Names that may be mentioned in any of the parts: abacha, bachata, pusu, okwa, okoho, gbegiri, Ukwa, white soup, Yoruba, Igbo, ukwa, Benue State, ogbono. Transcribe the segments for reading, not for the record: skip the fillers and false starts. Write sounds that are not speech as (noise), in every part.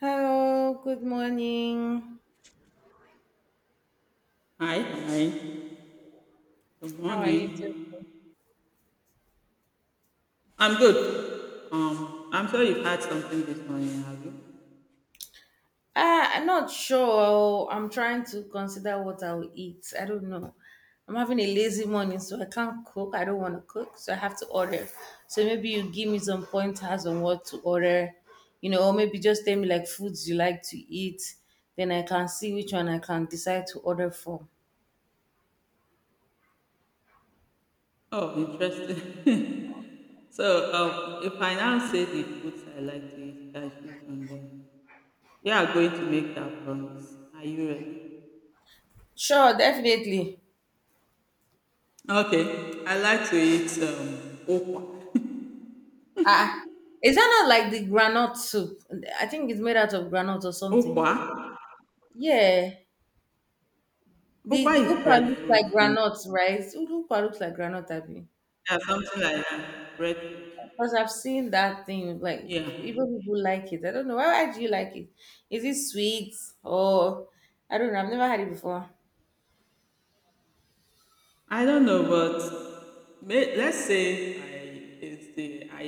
Hello, good morning. Hi, hi. Good How are you doing? morning. I'm good. I'm sure you've had something this morning, have you? I'm not sure. I'm trying to consider what I'll eat. I don't know. I'm having a lazy morning, so I can't cook. I don't want to cook, so I have to order. So maybe you give me some pointers on what to order, you know, or maybe just tell me like foods you like to eat. Then I can see which one I can decide to order from. Oh, interesting. (laughs) If I now say the foods I like to eat, I choose from them. You are going to make that promise. Are you ready? Sure, definitely. Okay. I like to eat okwa. Ah, is that not like the granite soup? I think it's made out of granite or something. Okwa? Yeah. Okwa The is Ukwa looks like breadfruit. In. groundnut, right? Ukwa looks like groundnut, Abby. Yeah, something like that. Breadfruit. Because I've seen that thing, like Yeah. even people like it. I don't know. Why do you like it? Is it sweet or I don't know. I've never had it before. I don't know, but let's say I it's the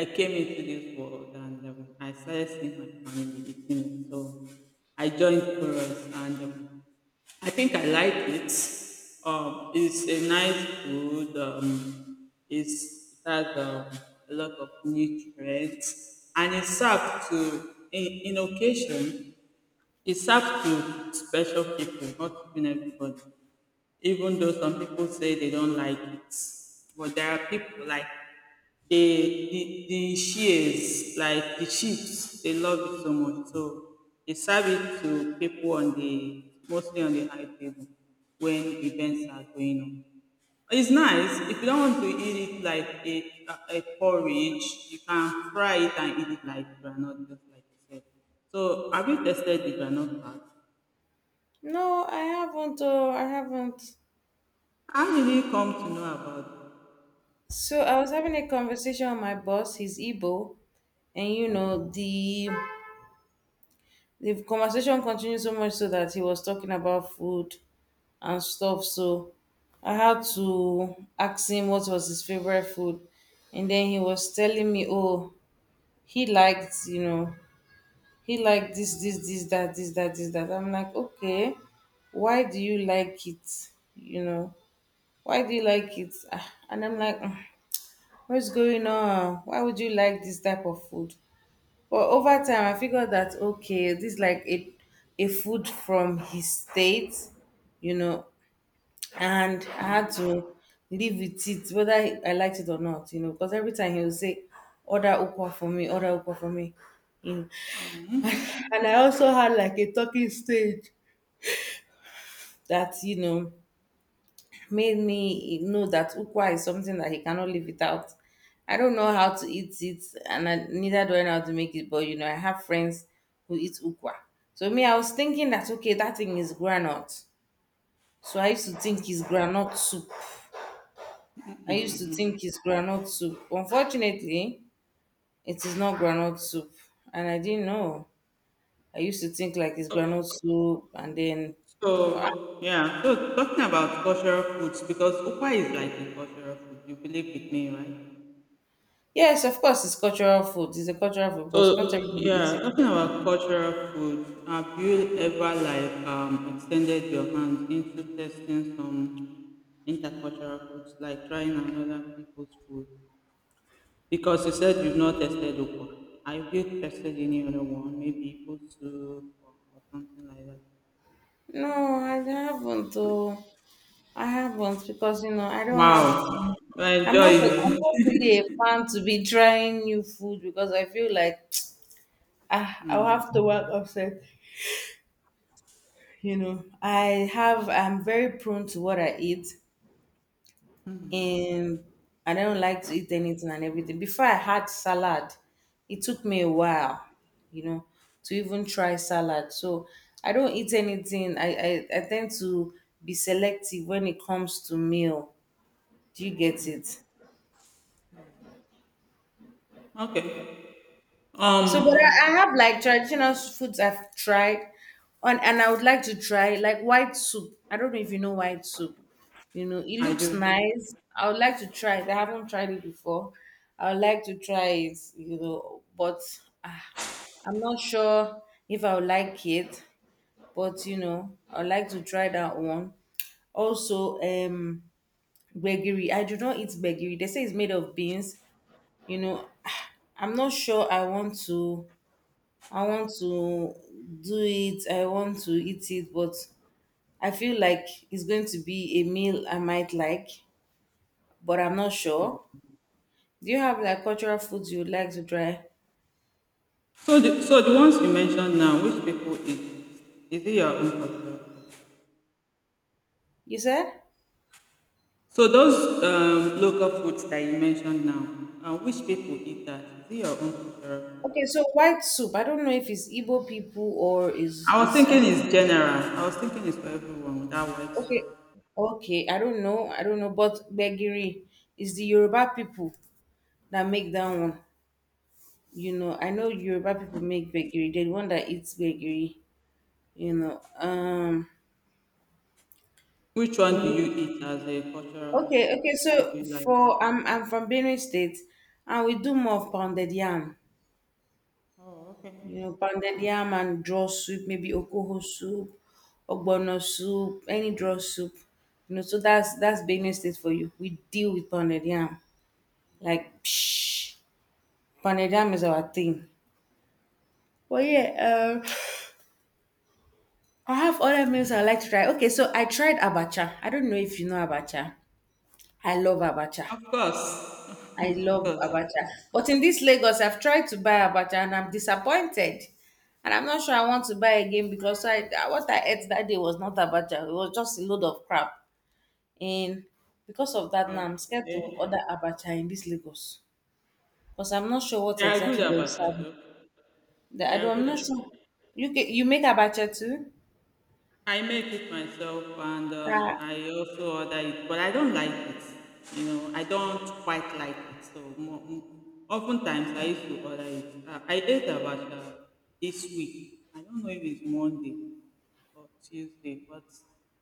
I came into this world and I started seeing my family eating it, so I joined chorus and I think I like it. It's a nice food. It has a lot of nutrients, and it's served to in occasion. It's served to special people, not even everybody even though some people say they don't like it. But there are people like they the shears, like the chips, they love it so much. So they serve it to people on the mostly on the high table when events are going on. It's nice if you don't want to eat it like a porridge, you can fry it and eat it like granite, just like you said. So have you tested the granite part? No, I haven't. Oh, I haven't. How did you come to know about? So I was having a conversation with my boss. He's Igbo, and you know the conversation continued so much so that he was talking about food and stuff. So I had to ask him what was his favorite food, and then he was telling me, "Oh, he liked, you know, he liked this, this, this, that, this, that, this, that." I'm like, "Okay, why do you like it? You know, why do you like it?" Ah, and I'm like, "Mm, what's going on? Why would you like this type of food?" But over time, I figured that okay, this is like a food from his state, you know, and I had to live with it, whether I liked it or not, you know, because every time he would say, "Order ukwa for me, order ukwa for me," you know, and I also had like a talking stage that you know made me know that ukwa is something that he cannot live without. I don't know how to eat it, and I, neither do I know how to make it. But you know, I have friends who eat ukwa. So me, I was thinking that okay, that thing is granite. So I used to think it's granite soup. I used to think it's granite soup. Unfortunately, it is not granite soup, and I didn't know. I used to think like it's granite soup, and then you know, ah, So yeah, so talking about cultural foods because ukwa is like a cultural food. You believe with me, right? yes, of course, it's cultural food. It's a cultural food So because not everybody eats yeah, it. talking about cultural foods. Have you ever like extended your hand into testing some intercultural foods, like trying another people's food? Because you said you've not tested ukwa. Have you tested any other one, maybe pusu or something like that? No, I haven't. Oh, I haven't because you know I don't have. Wow, I I'm enjoy not. A, you. I'm not (laughs) really a fan to be trying new food because I feel like (tsk) ah, I'll have to work upset. You know, I have. I'm very prone to what I eat, and I don't like to eat anything and everything. Before I had salad, it took me a while. You know, to even try salad. So I don't eat anything. I tend to be selective when it comes to meal. Do you get it? Okay. So, but Um, I have like traditional foods I've tried, on and I would like to try like white soup. I don't know if you know white soup. You know, it I looks do. nice. I would like to try it. I haven't tried it before. I would like to try it. You know, but ah, I'm not sure if I would like it. But you know, I would like to try that one. Also, gbegiri. I do not eat gbegiri. They say it's made of beans. You know, (sighs) I'm not sure I want to do it, I want to eat it, but I feel like it's going to be a meal I might like, but I'm not sure. Do you have like cultural foods you would like to try? So so the ones you mentioned now, which people eat? Is it your own culture? You said? So those local foods that you mentioned now, which people eat that? Is it your own culture? Okay, so white soup. I don't know if it's Igbo people or is I was is I thinking don't, it's general. I was thinking it's for everyone without white soup. okay. Okay, I don't know. I don't know, but Begiri is the Yoruba people that make that one. You know, I know Yoruba people make Begiri. They're the one that eats Begiri, you know. Um, Which one do you eat as a cultural? okay, okay. Which one do So you like? for I'm from Benue State, and we do more of pounded yam. Oh, You okay. know, pounded yam and draw soup, maybe okoho soup, ogbono soup, any draw soup. You know, so that's Benue State for you. We deal with pounded yam, like psh, pounded yam is our thing. But yeah, I have other meals I like to try. Okay, so I tried abacha. I don't know if you know abacha. I love abacha. Of course. I love abacha. But in this Lagos, I've tried to buy abacha and I'm disappointed. And I'm not sure I want to buy again because I what I ate that day was not abacha. It was just a load of crap. And because of that, now I'm (laughs) scared to order Okay. abacha in this Lagos because I'm not sure what They are good exactly they at will serve. bachata. They I are don't, I'm good at not bachata. sure. You make abacha too? I make it myself and Uh, I also order it, but I don't like it. You know, I don't quite like it. So oftentimes I used to order it. I ate abacha this week. I don't know if it's Monday or Tuesday, but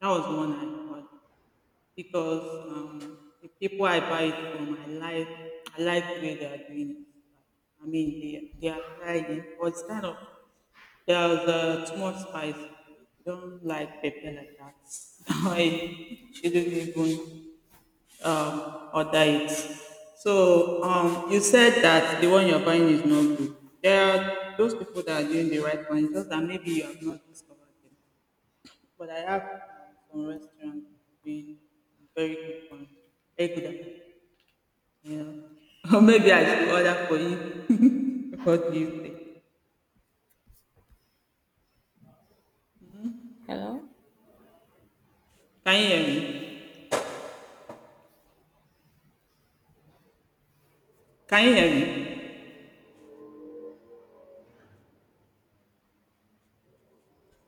that was one I ordered because the people I buy it from, I like the way they are doing it. I mean, they are trying, but it's kind of there's too much spice. You don't like pepper like that. (laughs) I shouldn't even order it. So you said that the one you're buying is not good. There are those people that are doing the right one, it's just that maybe you have not discovered them. But I have some restaurants that have been very good for me, very good at it. You know, (laughs) or maybe I hello, should order for you. (laughs) What do you think? hello. Can you hear me? Can you hear me?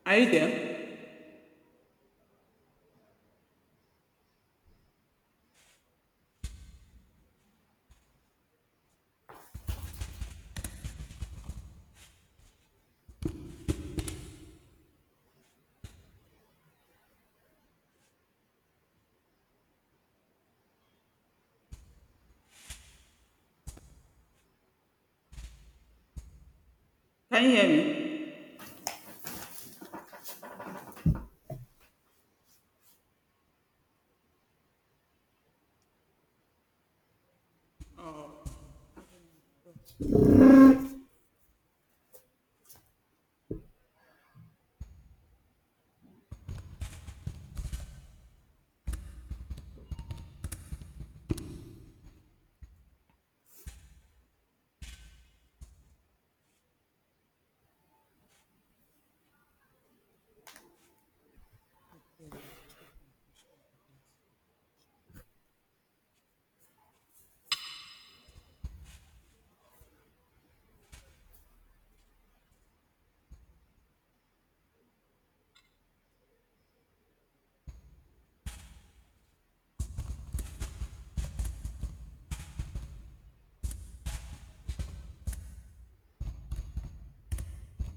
Are you there? Can you hear me?